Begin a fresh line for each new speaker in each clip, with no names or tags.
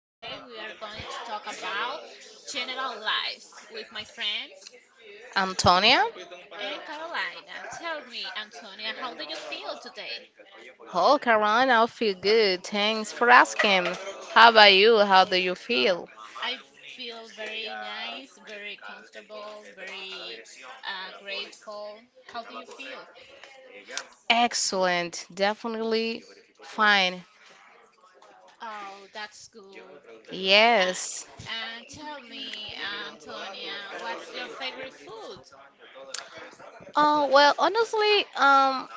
Today we are going to talk about general life with my friend
Antonia?
and Carolina. Tell me, Antonia, how do you feel today?
Oh, Carolina, I feel good. Thanks for asking. How about you? How do you feel?
I feel very nice, very comfortable, very grateful. How do you feel?
Excellent. Definitely fine.
Oh, that's good. Uh,
Yes.
and tell me, Antonia, what's your favorite food?
Oh, well, honestly,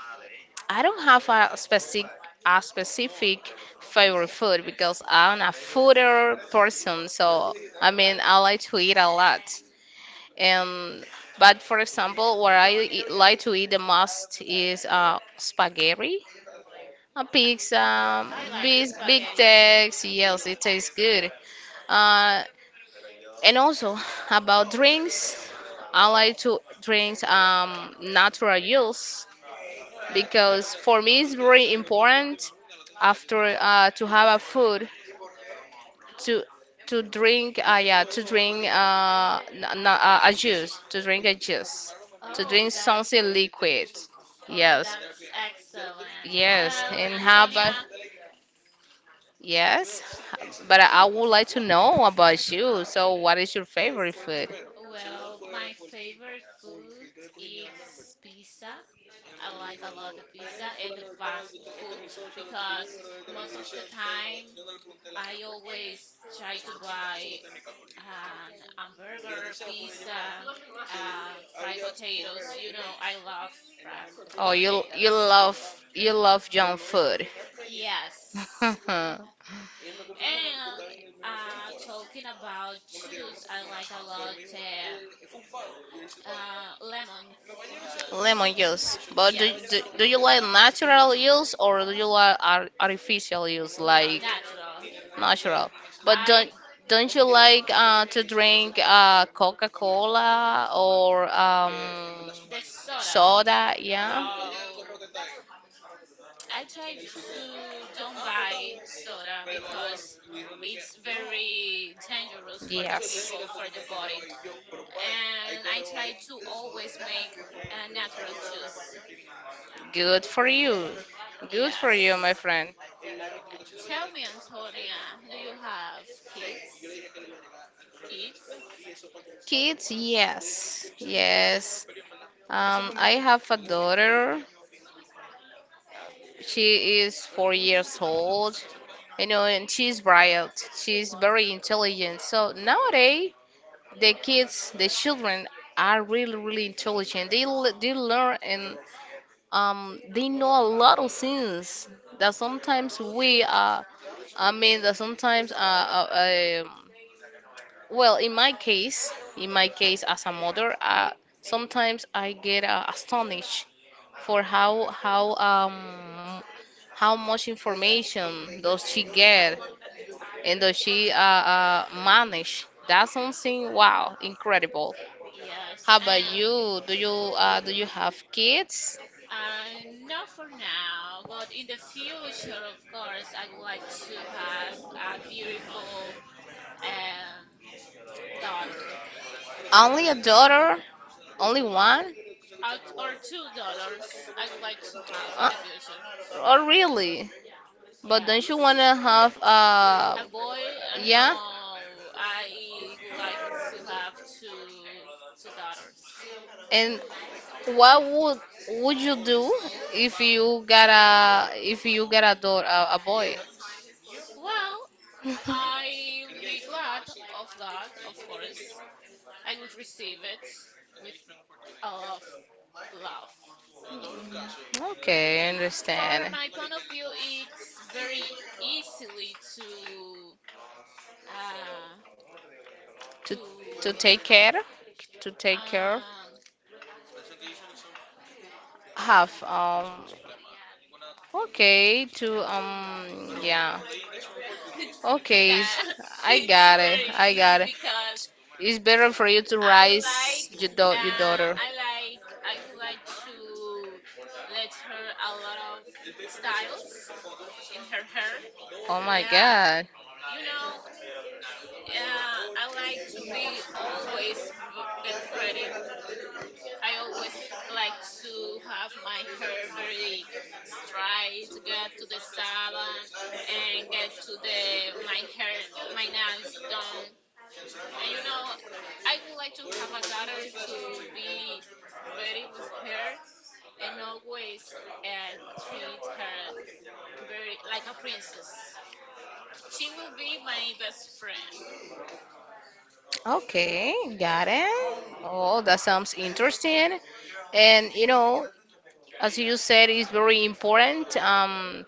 I don't have a specific a specific favorite food because I'm a fooder person. So, I mean, I like to eat a lot. And But for example, what I eat, like to eat the most is spaghetti, a pizza,
I like
big, big
spaghetti too.
text, yes, it tastes good. Uh, and also about drinks, I like to drink natural juice, because for me it's very important after to have a food to to drink, yeah, to drink a juice, to
Oh,
drink
that
something liquid.
Oh,
Yes.
that's excellent.
Yes.
Well,
and have a
Antonia,
Yes. But I would like to know about you. So, what is your favorite food?
well, my favorite food is pizza. I like a lot of pizza and the fast food because most of the time I always try to buy an hamburger, pizza, fried potatoes. You know, I love fried
Oh,
potatoes.
you love junk food.
Yes. And talking about juice, I like a lot lemon juice.
Lemon juice. But do, do,
Yes,
do you like natural juice, or do you like ar artificial juice,
no,
like
natural.
natural? But
I
don't you like to drink Coca-Cola, or
the soda.
soda? Yeah.
Oh, I try to don't buy soda because it's very dangerous for the
Yes.
people, for the body. And I try to always make a natural juice.
Good for you. Good for you,
Yes.
my friend.
Tell me, Antonia, do you have kids? kids?
Kids, yes. Yes. I have a daughter. She is 4 years old. You know, and she's bright. She's very intelligent. So nowadays, the kids, the children are really, really intelligent. They learn in. They know a lot of things that sometimes we are. I mean that sometimes well, in my case, as a mother, sometimes I get astonished for how much information does she get, and does she manage. That's something, wow, incredible.
Yes,
How about
and
you? Do you do you have kids?
not for now, but in the future, of course, I would like to have a beautiful um, daughter,
Only a
eh,
daughter, only
or,
one?
or or two daughters. I would like to have in
Uh,
the future.
oh, really? But don't you
Yes,
wanna have
a boy.
yeah?
No, I would like to have two two daughters.
And what would you do if you got a daughter, a boy?
Well, I'll be glad of God, of course. I will receive it with I love.
Okay, I
For
understand.
my point of view, it's very easily uh
To
to
to take care, to take care,
um
have okay to yeah. Okay, it's-
yeah,
I
it's
got it. I
very easy
got it.
because
It's better for you to
I
raise
like
your your daughter.
I would like to let her a lot of styles in her hair.
Oh my
Yeah,
God.
you know, I like to be always r get ready. I always like to have my hair very straight, get to the salon and get to the my hair my nails done. And you know, I would like to have a daughter to be ready with her and always uh, treat her very like a princess. She will be my best friend.
Okay,
Yeah,
got it. Oh, that sounds interesting. And you know, as you said, it's very important.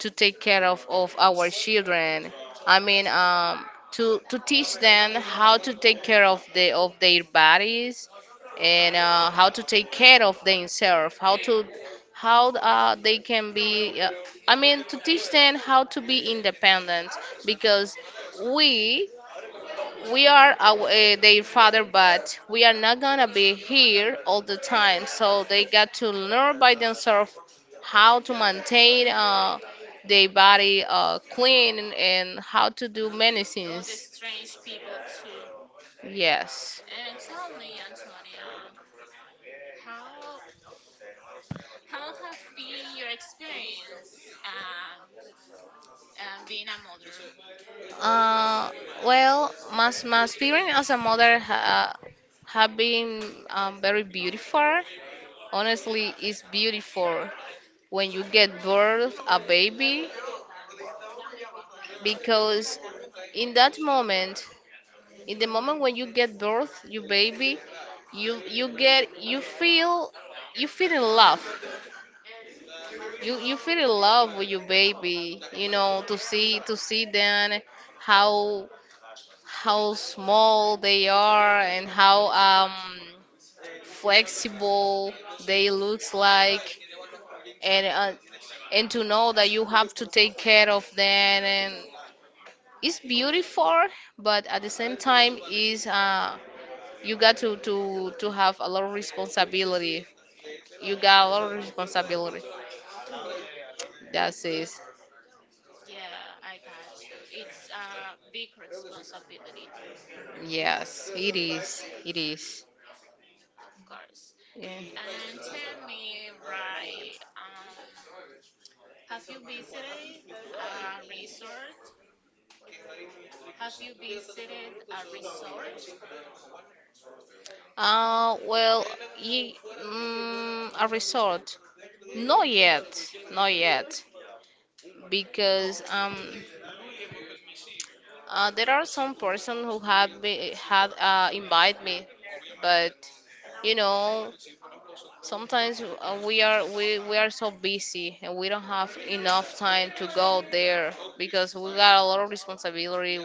To take care of our children. I mean, to teach them how to take care of the of their bodies, and how to take care of themselves, how to how they can be. I mean, to teach them how to be independent, because we we are our, their father, but we are not gonna be here all the time. So they got to learn by themselves how to maintain their body clean, and how to do many
all the
things.
strange people too.
Yes.
And tell me, Antonia, how How have been your experience being a mother?
Uh, well, my experience as a mother have been very beautiful. Honestly, it's beautiful when you get birth a baby, because in that moment, in the moment when you get birth your baby, you you get you feel you feel in love, you feel in love with your baby. You know, to see them, how how small they are, and how flexible they looks like, and uh, and to know that you have to take care of them, and it's beautiful, but at the same time is you got to have a lot of responsibility. You got
Yeah,
a lot of responsibility. That's it.
yeah, I got you. It's a big responsibility,
Yes, it is. It is.
of course.
Yeah.
And tell me, right, have you visited a resort? Have you visited a resort
Well, ye, mm, a resort. Not yet. Not yet. Because there are some person who have had invite me, but you know, sometimes we are we are so busy, and we don't have enough time to go there, because we got a lot of responsibility.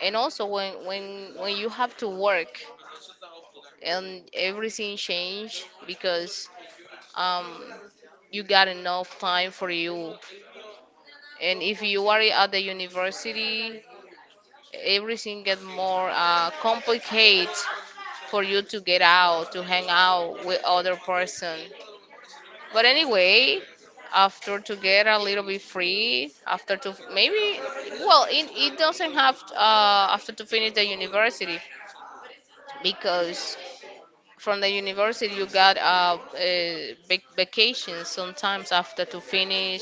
And also when you have to work, and everything change, because um you got enough time for you. And if you are at the university, everything get more complicated for you to get out, to
when you
hang
are a
out
mother?
with other person. But anyway, after to get a little bit free, after to maybe, well, it doesn't have to, after to finish the university, because from the university you got vacations sometimes after to finish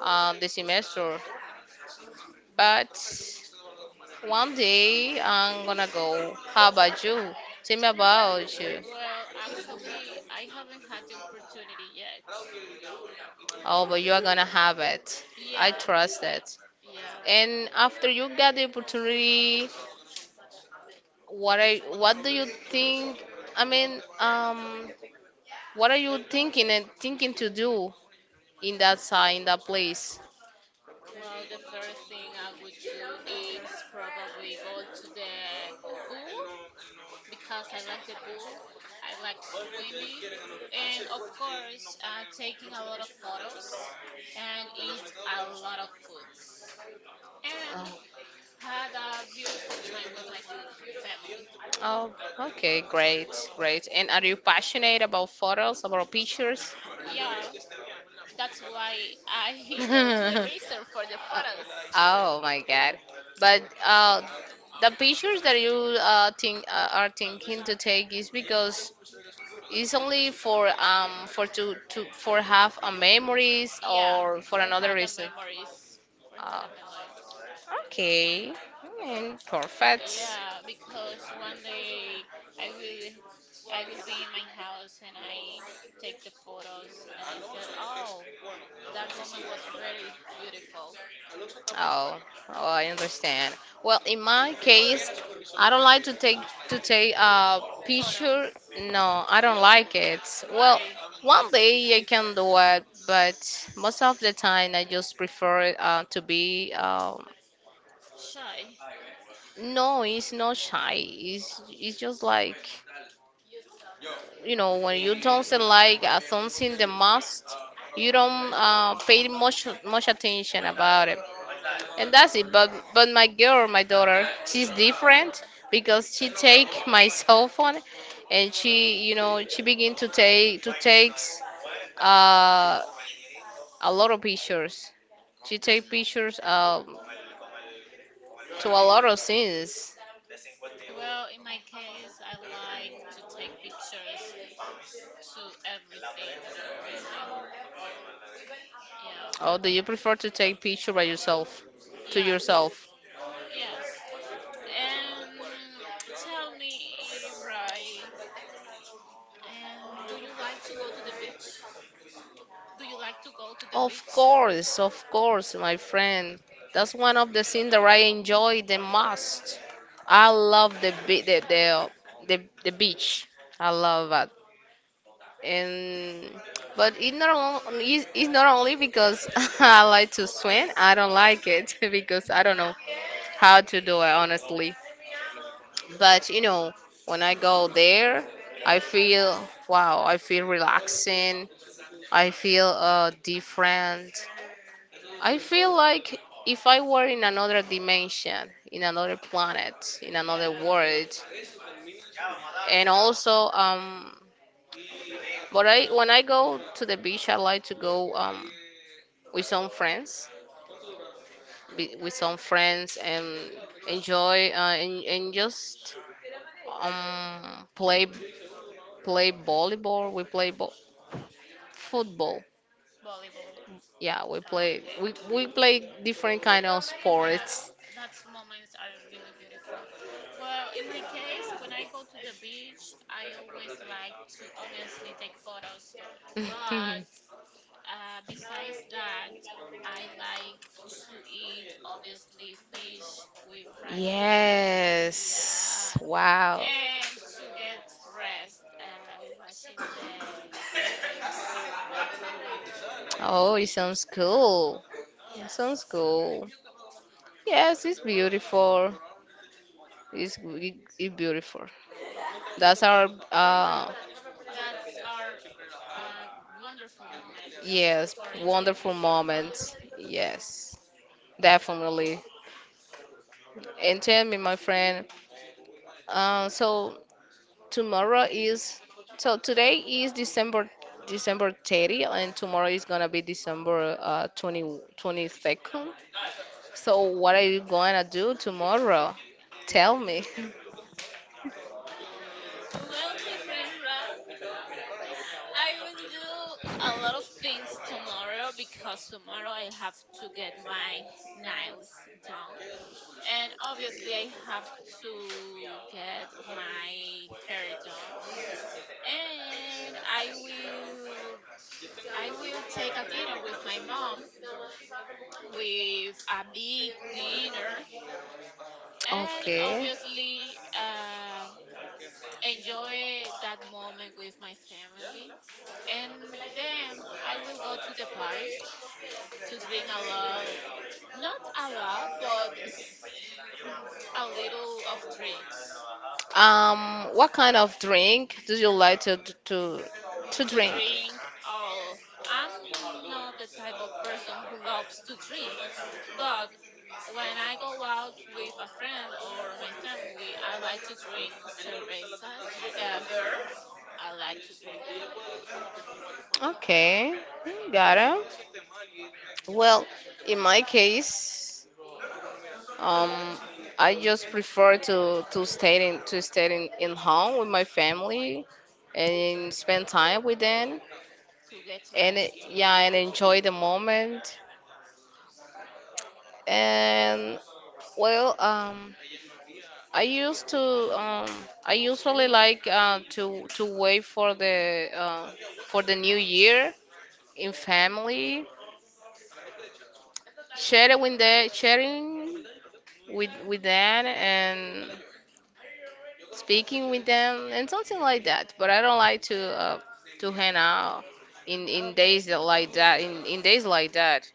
the semester. But one day I'm gonna go. How about you? Tell me about you.
Well, actually, I haven't had the opportunity yet.
Oh, but you are gonna have it. I
Yeah,
trust
yeah,
it.
yeah.
And after you got the opportunity, what do you think? I mean, what are you thinking and thinking to do in that side, in that place?
Well, the first thing I would do is probably go to the pool because I like the pool. I like swimming, and of course, taking a lot of photos and eat a lot of foods. And had a beautiful time with my family.
Oh, okay, great, great. And are you passionate about photos, about pictures?
Yeah, that's why I go to the resort for the photos.
Oh my God! But the pictures that you think, are thinking to take, is because it's only for to for have a memories,
Yeah,
or for
for
another
had a
reason.
memories. For had a
Oh,
memories.
okay. Mm, perfect.
Yeah, because one day I will I will be in my house and I take the photos and I said, "Oh, that moment was very beautiful."
Oh, oh, I understand. Well, in my case, I don't like to take a picture.
Photos.
No, I don't like it. Well,
Why?
one day I can do it, but most of the time I just prefer to be.
Shy.
No, it's not shy. It's just like. You know, when you don't like something the most, you don't pay much attention about it, and that's it. But my girl, my daughter, she's different,
Uh,
because she take my cell phone, and she, you know, she begin to take to takes uh, a lot of pictures. She take pictures to a lot of things.
well, in my case, I like to take pictures to everything, really. Yeah.
Or do you prefer to take picture by yourself, to
Yes.
yourself?
Yes. And tell me, Rai, and do you like to go to the beach? Do you like to go to the beach?
Of course, my friend. That's one of the things that I enjoy the most. I love the beach. I love it. And but it's not on- it's not only because I like to swim. I don't like it, because I don't know
Mm,
how to do it, honestly. But you know, when I go there, I feel, wow. I feel relaxing. I feel different. I feel like if I were in another dimension, in another planet, in another
yeah,
world, and also, but I, when I go to the beach, I like to go with some friends, with some friends, and enjoy and just um, play play volleyball. We play football.
volleyball.
Yeah,
Ah, okay.
we play different kind of
Yeah,
sports.
that's moments are really beautiful. Well, in my case, when I go to the beach, I always like to obviously take photos, but besides that, I like to eat obviously fish with fried potatoes.
Yes.
Yeah,
Wow.
and to get rest watching the waves.
Oh, it sounds cool. It sounds
Yes,
cool. Yes, it's beautiful. It's beautiful. That's our,
that's our uh, wonderful moments
yes,
for enjoy
wonderful
with your
moments.
family.
Yes. Definitely. And tell me, my friend, so tomorrow is, so today is December 30, and tomorrow is gonna be December 22nd. So what are you gonna do tomorrow? Tell me.
Well, my friend, right? I will do a lot of things tomorrow because tomorrow I have to get my nails done. And obviously, I have to get my hair done. And I will take a dinner with my mom with a big dinner and
Okay.
obviously enjoy that moment with my family. And then I will go to the party to drink a lot, not a lot, but a little of drinks.
What kind of drink do you like to to
To
drink?
drink all. I'm not the type of person who loves to drink, but when I go out with a friend or my family, I like to drink cervezas, beer. I like to drink
Okay, mm, got it. Well, in my case, um, I just prefer to stay in in home with my family, and spend time with them,
to get
and
rest.
yeah, and enjoy the moment. And well, I used to um, I usually like to wait for the new year in family, sharing with the sharing with them, and speaking with them, and something like that. But I don't like to hang out in days
Okay,
that like that, in days like that.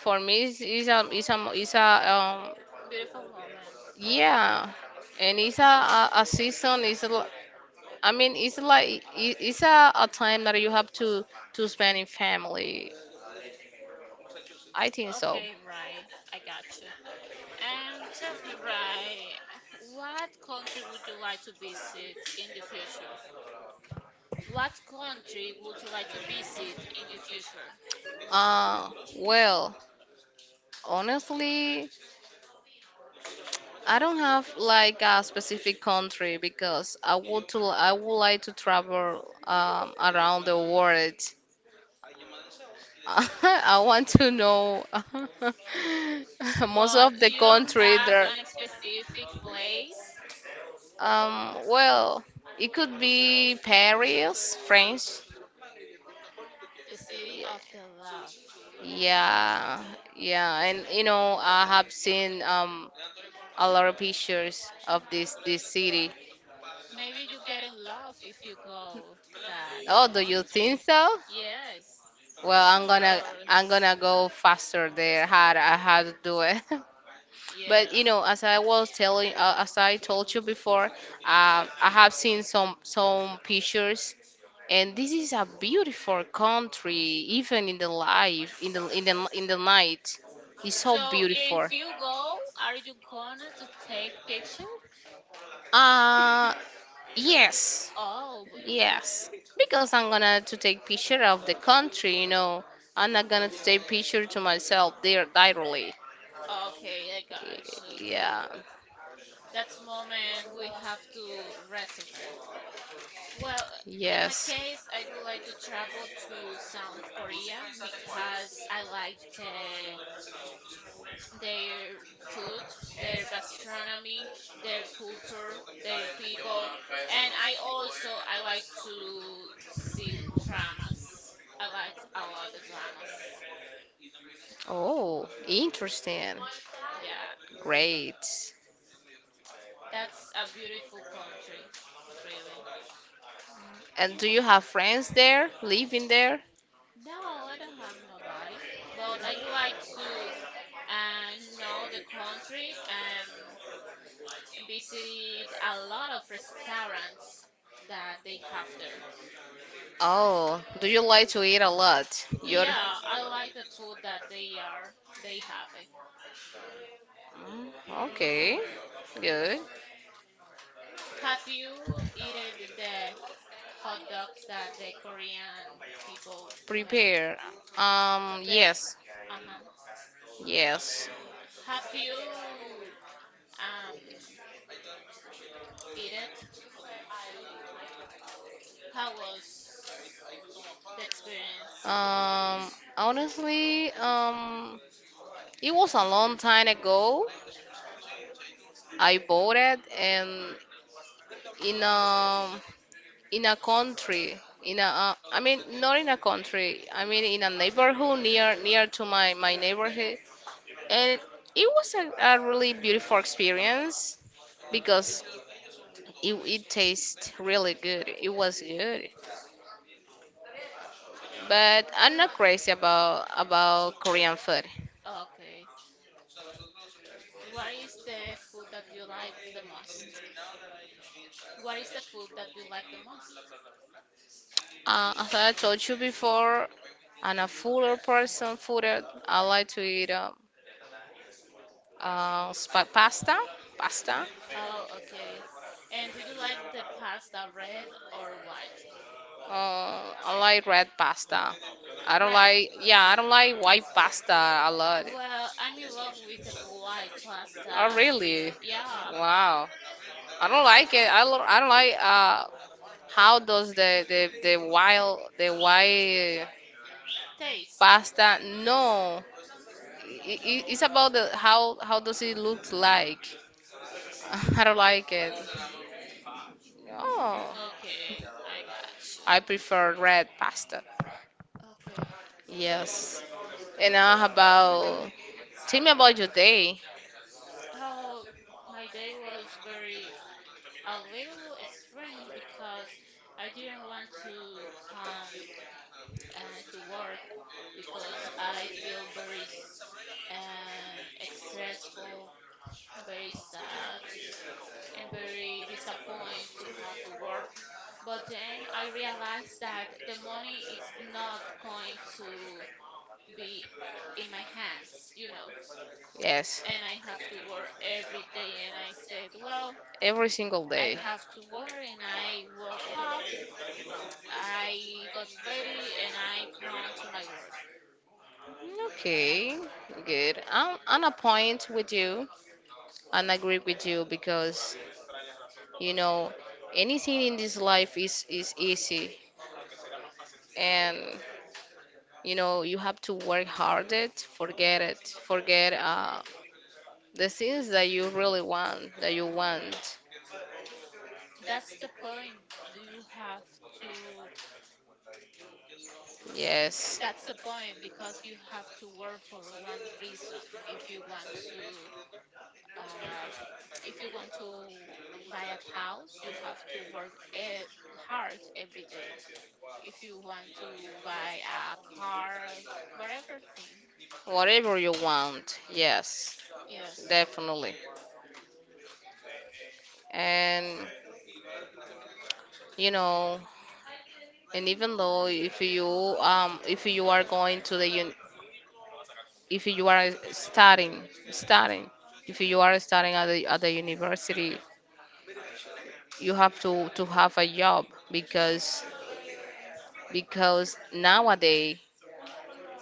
For me, it's a
beautiful moment.
yeah, and it's a season. It's a, I mean it's like it, it's a time that you have to spend in family. I think so.
Okay, Rai, I got you. And tell me, Rai, what country would you like to visit in the future? What country would you like to visit in the future?
Uh, well, honestly. I don't have like a specific country, because I would like to travel around the world. I want to know most of
But
the
you don't
country
have
there.
an specific place,
Well, it could be Paris, French.
the city of the love.
Yeah, yeah, and you know, I have seen a lot of pictures of this city.
Maybe you get in love if you go that
Oh, do you
country.
think so?
Yes,
Well,
of
I'm gonna
course.
I'm gonna go faster there. How to do it? But you
Yes.
know, as I was telling, as I told you before, I have seen some pictures, and this is a beautiful country, even in the life, in the night. It's so
So
beautiful.
if you go, are you gonna to take picture?
Uh, yes,
Oh, b-
yes. Because I'm gonna to take picture of the country, you know. I'm not gonna to take
oh,
picture to myself there directly.
okay, I got you.
Yeah.
That's moment we have to reserve. Well, in my
Yes.
case, I would like to travel to South Korea because I like their food, their gastronomy, their culture, their people, and I also I like to see dramas. I like a lot of dramas.
Oh, interesting.
Yeah,
Great.
that's a beautiful country, really.
And do you have friends there, living there?
No, I don't have nobody, but I would like to know the country. Visited a lot of restaurants that they have there.
Oh, do you like to eat a lot? You're.
Yeah, I like the food that they have it.
Mm, okay. Good.
Have you eaten the hot dogs that the Korean people make?
Prepare.
The
Yes.
Uh-huh.
Yes.
Have you um eat it? How was the experience?
Um, Honestly, it was a long time ago. I voted and in a in a country in a I mean not in a country, I mean in a neighborhood near to my neighborhood, and it was a really beautiful experience, because it tastes really good, it was good. But I'm not crazy about Korean food.
Okay. What is the food that you like the most? What is the food that you like the most?
As I told you before, I'm a fuller person fooder. I like to eat pasta, pasta.
Oh, okay. And do you like the pasta red or white?
I like red pasta. I don't
Red.
like, yeah, I don't like white pasta a lot.
Well, I'm in love with the white
Oh,
pasta. Real,
really?
yeah.
Wow. I don't like it. I, I don't like how does the wild, the white
Taste.
pasta? No. It's about the, how does it look like? I don't like it. Oh,
Okay, I got you.
I prefer red pasta.
Okay.
Yes. And now how about tell me about your day.
Oh, my day was very a little strange because I didn't want to come and to work because I feel very stressful, very sad, and very disappointed to come to work. But then I realized that the money is not going to be in my hands, you know,
Yes.
and I have to work every day. And I said, well,
Every single
I
day.
have to work. And I woke up, I got ready, and I come to my work. And
Okay, good. I'm on a point with you and agree with you, because you know, anything in this life is easy, and you know, you have to work hard. Forget the things that you really want, that you want.
that's the point you have to
Yes.
that's the point because you have to work for one reason if you want to uh, if you want to buy a house, you have to work hard every day. If you want to buy a car, whatever thing.
Whatever you want. Yes,
Yes.
definitely. And you know, and even though if you, if you are going to the un if you are studying, if you are studying at the university, you have to have a job, because because nowadays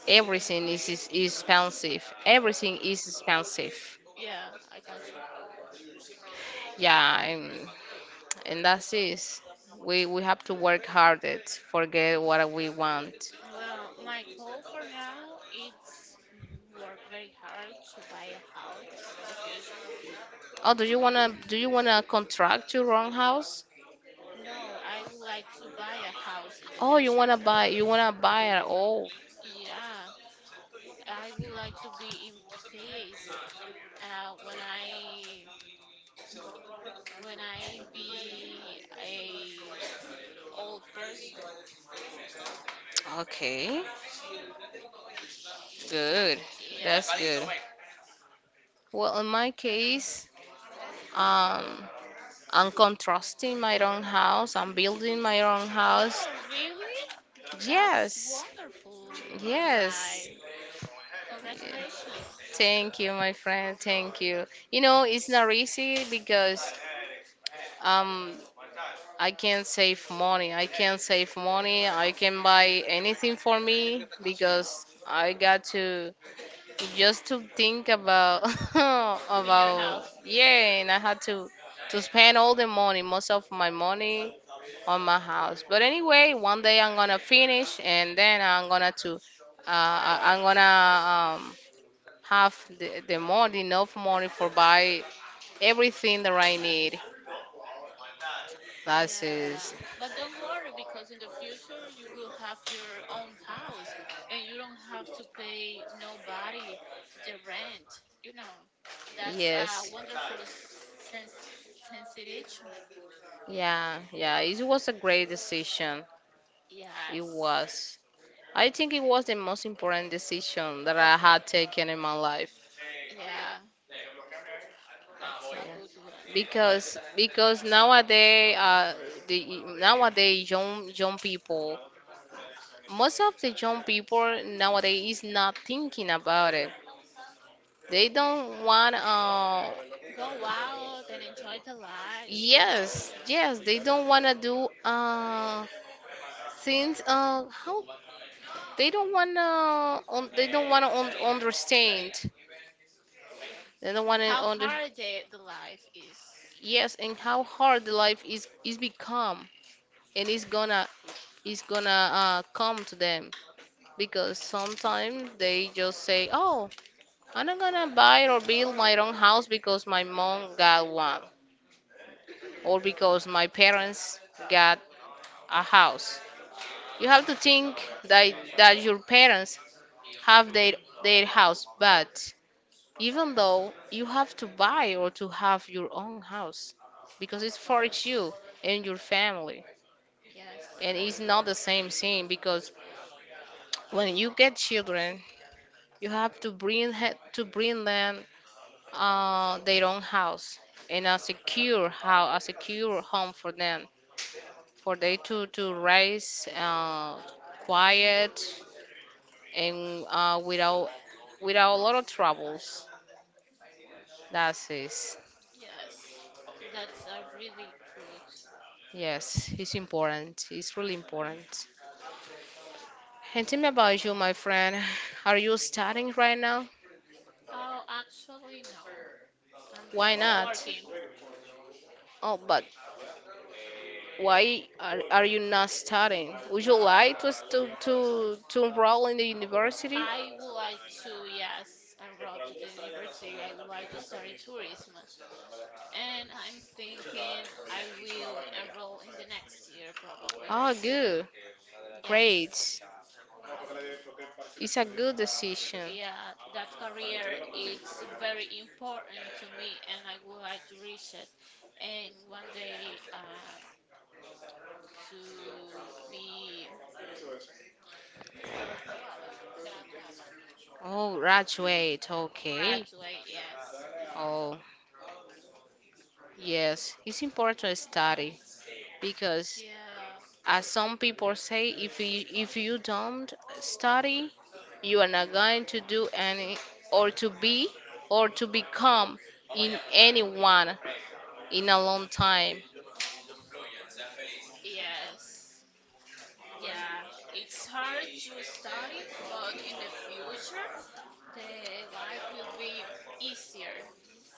everything is expensive. Everything is expensive.
Yeah, I got you.
Yeah, and that's is, we have to work hard at forget what we want.
Well, my goal for now is work very hard to buy a house in the future.
Oh, do you wanna,
Yeah.
do you wanna contract your own house?
No, I would like to buy a house in the
Oh, you wanna
future.
buy, you wanna buy it? Oh,
Yeah, I would like to be in peace uh, when I when I be a old person.
okay, good. That's
Yes.
good. Well, in my case, um, I'm contrasting my own house. I'm building my own house.
Oh, really? That's
Yes,
wonderful.
yes.
Right. Congratulations
Thank you, my friend. Thank you. You know, it's not easy because um I can save money. I can save money. I can buy anything for me, because I got to just to think about
in your
about
house.
yeah, and I had to spend all the money, most of my money on my house. But anyway, one day I'm gonna finish, and then I'm gonna to I'm gonna have the money, enough money for buy everything that I need. That's it.
Yeah, but don't worry because in the future you will have your own house and you don't have to pay nobody the rent. You know, that's a
Yes.
wonderful sens sensation.
Yeah, yeah, it was a great decision. It
Yes,
was. I think it was the most important decision that
of
I
you.
had taken in my life.
Yeah, that's
Yeah.
a good one.
Because nowadays the nowadays young people, most of the young people nowadays is not thinking about it. They don't want
Go out and enjoy the life.
yes, yes, they don't want to do since how they don't wanna, un they don't wanna un understand. They don't wanna
How
under.
hard the life is.
Yes, and how hard the life is become, and it's gonna, it's gonna come to them, because sometimes they just say, "Oh, I'm not gonna buy or build my own house because my mom got one, or because my parents got a house." You have to think that your parents have their house, but even though you have to buy or to have your own house, because
Of
it's for you
course.
and your family,
Yes.
and it's not the same thing, because when you get children you have to bring to bring them their own house, and a secure, how a secure home for them, for they to raise quiet, and without a lot of troubles. That's it.
Yes. That's a really good.
Yes, it's important. It's really important. And tell me about you, my friend. Are you studying right now?
Oh, actually, no. I'm
Why
just
not?
working.
Oh, but why are you not studying? Would you like to enroll in the university?
I would like to, yes, enroll to the university. I would like to study tourism. And I'm thinking I will enroll in the next year probably.
Oh, good.
Yes.
Great. It's a good decision.
Yeah, that career it's very important to me and I would like to reach it and one day to be
Oh, graduate. Okay.
graduate, yes.
Oh, yes. It's important to study, because
Yeah,
as some people say, if you, if you don't study, you are not going to do any, or to be, or to become in anyone in a long time.
yes. Yeah, it's hard to study, but in the future the life will be easier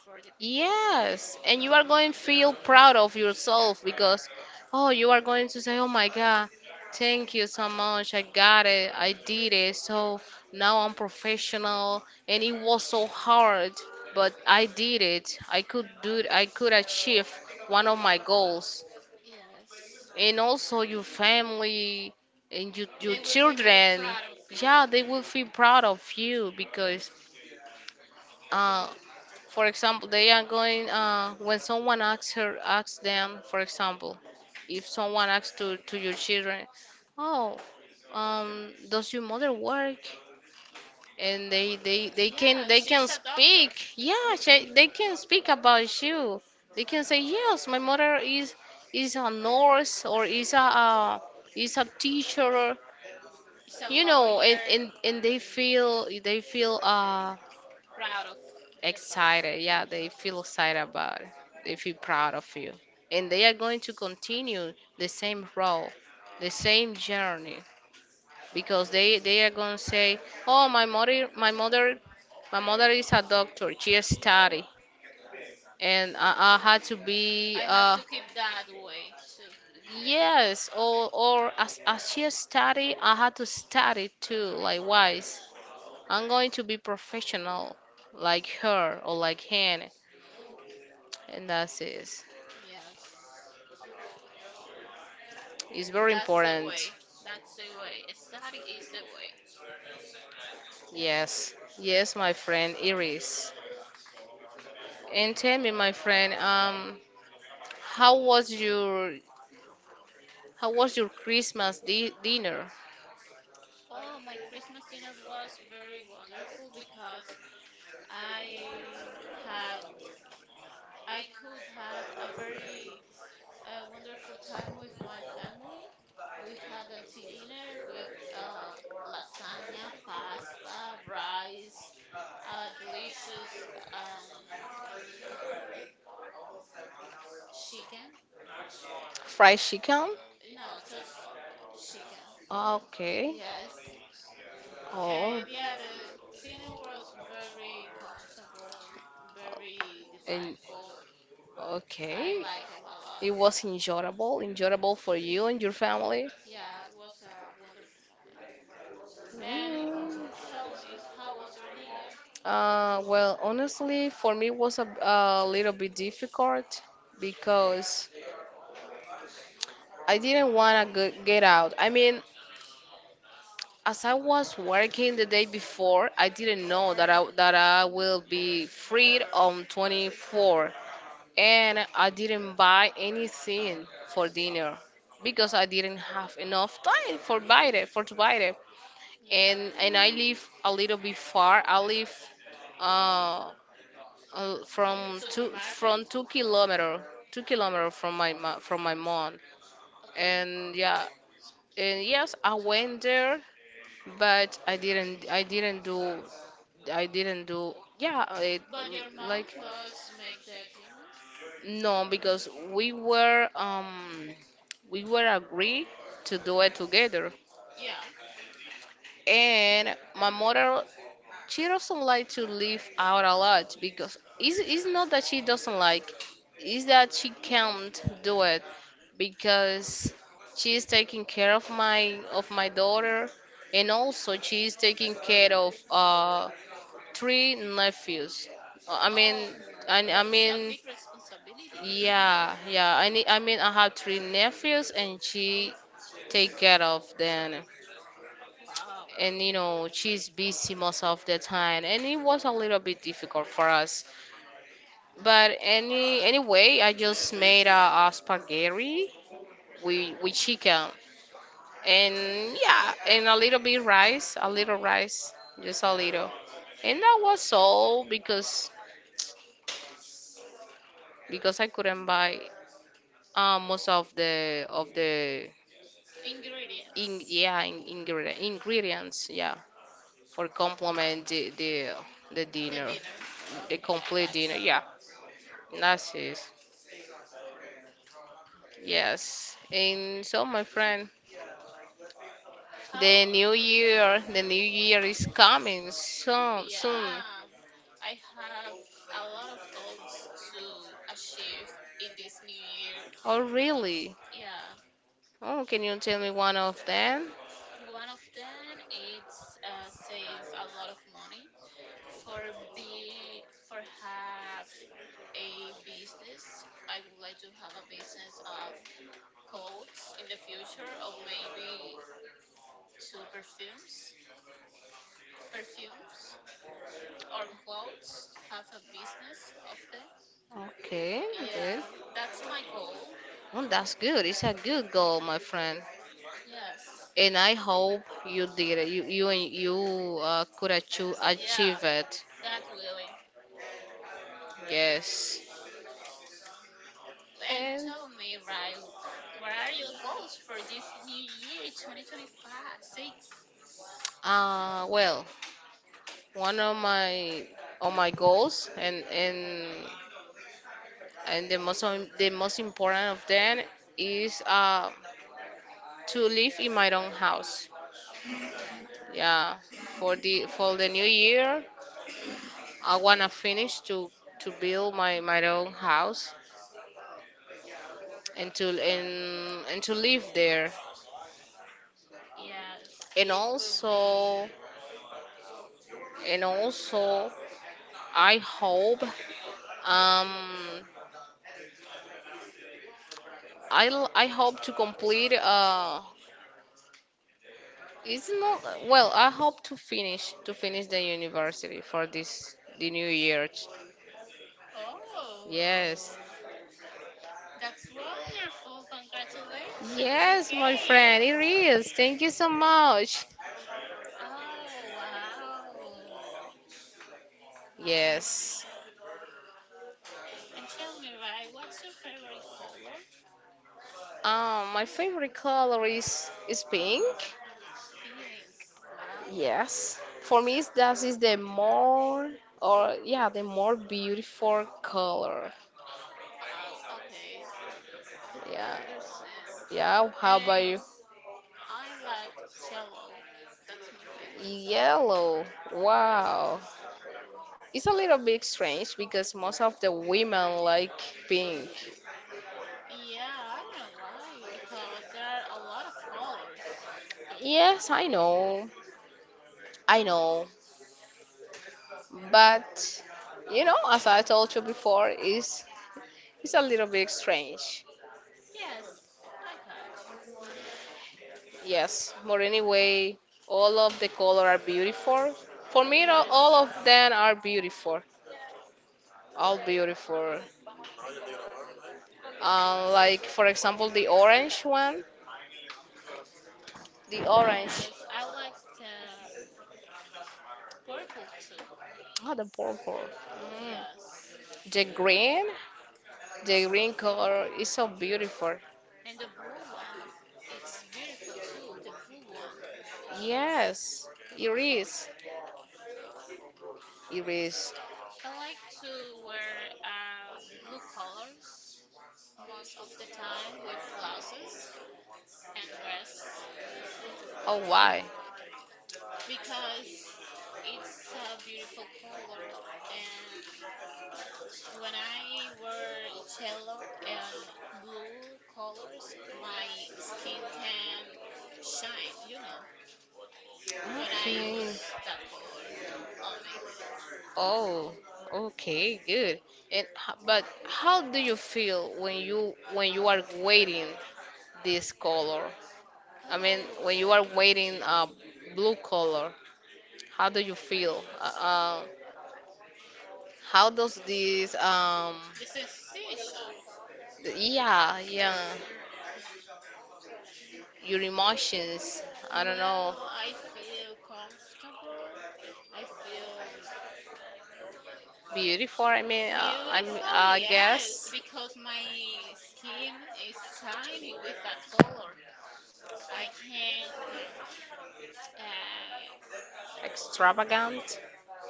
for the people.
Yes, and you are going to feel proud of yourself, because, oh, you are going to say, oh my God, thank you so much. I got it. I did it. So now I'm professional. And it was so hard, but I did it. I could do it. I could achieve one of my goals.
Yes.
And also your family and your
They would be very
children,
proud of you.
yeah, they will feel proud of you, because uh, for example, they are going when someone asks her asks them, for example, if someone asks to your children, oh, does your mother work? And they can,
Yeah,
they
she's
can
a doctor.
speak. Yeah, she, they can speak about you. They can say yes, my mother is a nurse, or is a teacher.
She's a
You know,
lawyer,
and they feel, they feel
proud of the family.
excited. Yeah, they feel excited about it. They feel proud of you. And they are going to continue the same role, the same journey, because they are going to say, "Oh, my mother, my mother, my mother is a doctor. She study, and I had to be
I have to keep that way too.
yes, or as she study, I had to study too. Likewise, I'm going to be professional, like her or like him, and that's it."
Yes.
It's very
That's the
important.
way. That's the way. Study is the way.
Yes, yes, my friend Iris. And tell me, my friend, how was your, how was your Christmas dinner?
Oh, my Christmas dinner was very wonderful because I had I could had a very a wonderful time with my family. We had a dinner with lasagna, pasta, rice, delicious um, chicken.
Fried chicken?
You know, just chicken.
Okay.
Yes.
Oh,
Yeah, the dinner was very comfortable, very
and
delightful. I
okay.
like it a lot.
It was enjoyable, enjoyable for you and your family.
Yeah, it was a wonderful moment. And you
Mm.
tell me, how was your dinner?
Well, honestly, for me it was a little bit difficult, because I didn't want to get out. I mean, as I was working the day before, I didn't know that I, that I will be freed on 24, and I didn't buy anything for dinner, because I didn't have enough time for buy it, for to buy it,
Yeah.
and I live a little bit far. I live uh, from two,
Supermarket?
from 2 kilometer, 2 kilometer from my, my, from my mom,
Okay.
and yeah, and yes, I went there, but I didn't, I didn't do, I didn't do yeah it,
But your mom
like
does make that dinner?
no, because we were agree to do it together,
Yeah.
and my mother, she doesn't like to leave out a lot, because it's not that she doesn't like, it's that she can't do it, because she is taking care of my, of my daughter, and also she is taking care of three nephews. Uh, I mean,
Oh,
I
that's a
mean,
big responsibility.
yeah, yeah. I need, I mean, I have three nephews, and she take care of them.
Wow.
And you know, she's busy most of the time, and it was a little bit difficult for us. But any anyway, I just made a spaghetti with chicken, and yeah, and a little bit rice, a little rice, just a little. And that was all, because I couldn't buy most of the
Ingredients.
in yeah in, ingredient, ingredients yeah, for complement the the
The
dinner,
dinner.
the
Okay, I
complete
got
dinner,
you.
yeah, that's it. Yes, and so, my friend,
How?
the new year, the new year is coming so soon.
Yeah. I have a lot of goals to achieve in this new year.
Oh, really?
Yeah.
Oh, can you tell me one of them?
One of them it's save a lot of money for for have a business. I would like to have a business of clothes in the future, or maybe to perfumes, or clothes. Have a business of that.
Okay.
Yeah,
Good.
that's my goal.
Oh, that's good. It's a good goal, my friend.
Yes.
And I hope you did it. You, and you could achieve,
Yeah,
achieve it.
God willing.
Yes.
And
And
tell me, Ryu, what are your goals for this new year, 2025, six?
well, one of my, of my goals, and the most the most important of them is to live in my own house.
Yeah.
Yeah, for the, for the new year, I wanna finish to build my, my own house, and to, and and to live there.
Yes,
And
it will
also,
be.
and also, I hope um I I hope to complete it's not, well, I hope to finish, to finish the university for this, the new year. Yes.
Oh, that's wonderful. Congratulations
Yes, my friend,
again.
it is. Thank you so much.
Oh, wow.
Yes.
And tell me, right, what's your favorite color?
My favorite color is pink.
Pink. Wow.
Yes, for me it's- that is the more, or yeah, the more beautiful color.
Oh, okay. I
Yeah,
understand.
yeah. How about
And
you?
I like yellow. That's my favorite.
Yellow. Wow, it's a little bit strange because most of the women like pink.
Yeah, I don't know why, because there are a lot of colors.
Yes, I know, but you know, as I told you before, it's a little bit strange.
Yes, I got
Yes, but anyway, all of the color are beautiful. For me,
you.
all
Yes,
of them are beautiful. All beautiful. Like for example, the orange one, the orange,
yes, I like the purple too.
oh, the purple, mm,
Yes,
the green, the green color is so beautiful.
and the blue one, it's beautiful too. The blue one.
Yes, it is. It is.
I like to wear blue colors most of the time with blouses and dress
Oh, why?
because it's a beautiful color. And when I wear yellow and blue colors, my skin can shine, when I
Okay.
use that color on me.
Oh, okay, good. And but how do you feel when you, when you are waiting this color? I mean,
Oh,
when you are wearing a blue color, how do you feel? How does this,
the sensation.
yeah, yeah, your
W-
emotions, I don't know,
Well, I feel comfortable. I feel
beautiful? I mean, I'm,
beautiful,
I
yes,
guess,
because my skin is shining with that color. I can. Uh,
extravagant.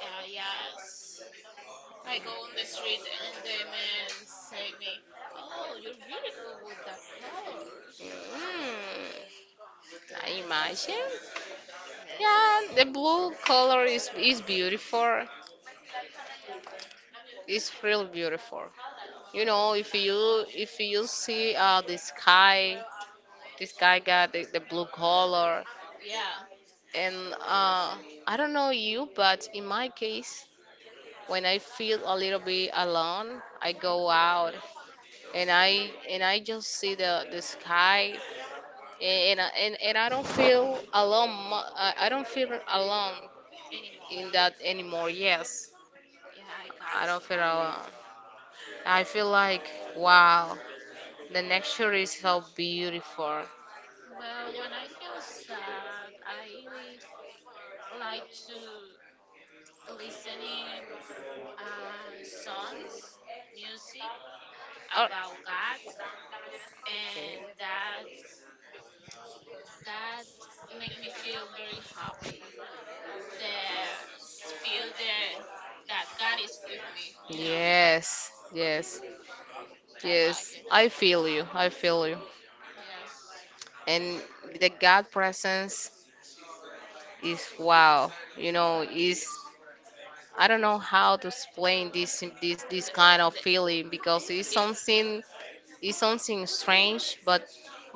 yes. I go on the street and the men say me, "Oh, you're beautiful with that colors."
Mm, I
Yes.
imagine. Yeah, the
Yes.
blue color is beautiful. It's real beautiful. You know, if you, if you see the sky got the blue color,
Yeah.
and uh, I don't know you, but in my case, when I feel a little bit alone, I go out, and I, and I just see the sky, and and I don't feel alone. I don't feel alone
Anymore.
in that anymore. Yes,
Yeah, I got
I don't
you.
feel alone. I feel like wow, the nature is so beautiful.
Well, when I feel sad, I like to listening songs, music
Or-
about God, and that make me feel very happy. Feel the that God is
You know,
with me. You know,
yes, yes, I like
I like
yes. It.
it.
I feel you. I feel you.
Yes.
And the God presence is wow. You know, is I don't know how to explain this, this
The,
this
the,
kind of feeling, because it's
it,
something, it's something strange,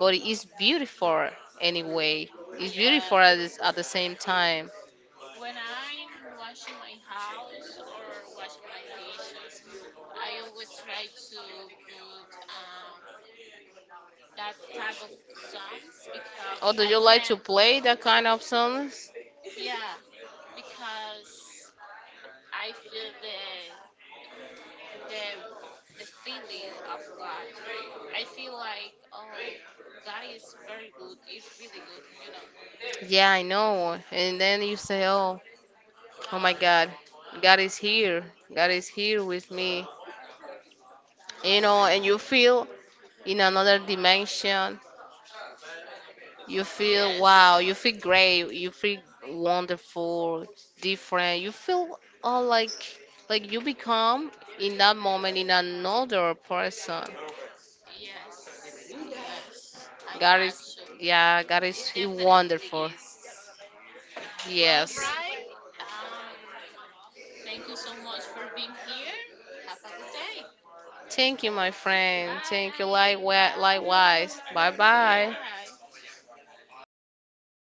but it's beautiful anyway. It's
yeah.
beautiful at, at the same time.
When I'm washing my house or washing my dishes, I always try to put that type of songs because
Oh, do
I
you like
can,
to play that kind of songs?
yeah, because I feel the the feeling of God. I feel like oh, God is very good. It's really good.
Yeah, I know. And then you say, oh, oh my God, God is here. God is here with me. You
Yes.
know, and you feel in another dimension. You feel wow, you feel great, you feel wonderful, different. You feel all like you become in that moment in another person.
Yes, yes, yes. I
God
got
is
you.
yeah, God is
It
he
definitely
wonderful.
is. Well,
Yes.
right. Um, Thank you so much for being here. Have a good day.
Thank you, my friend. Thank you.
Bye.
Likewise.
Bye.
Likewise. Bye bye.
Yeah.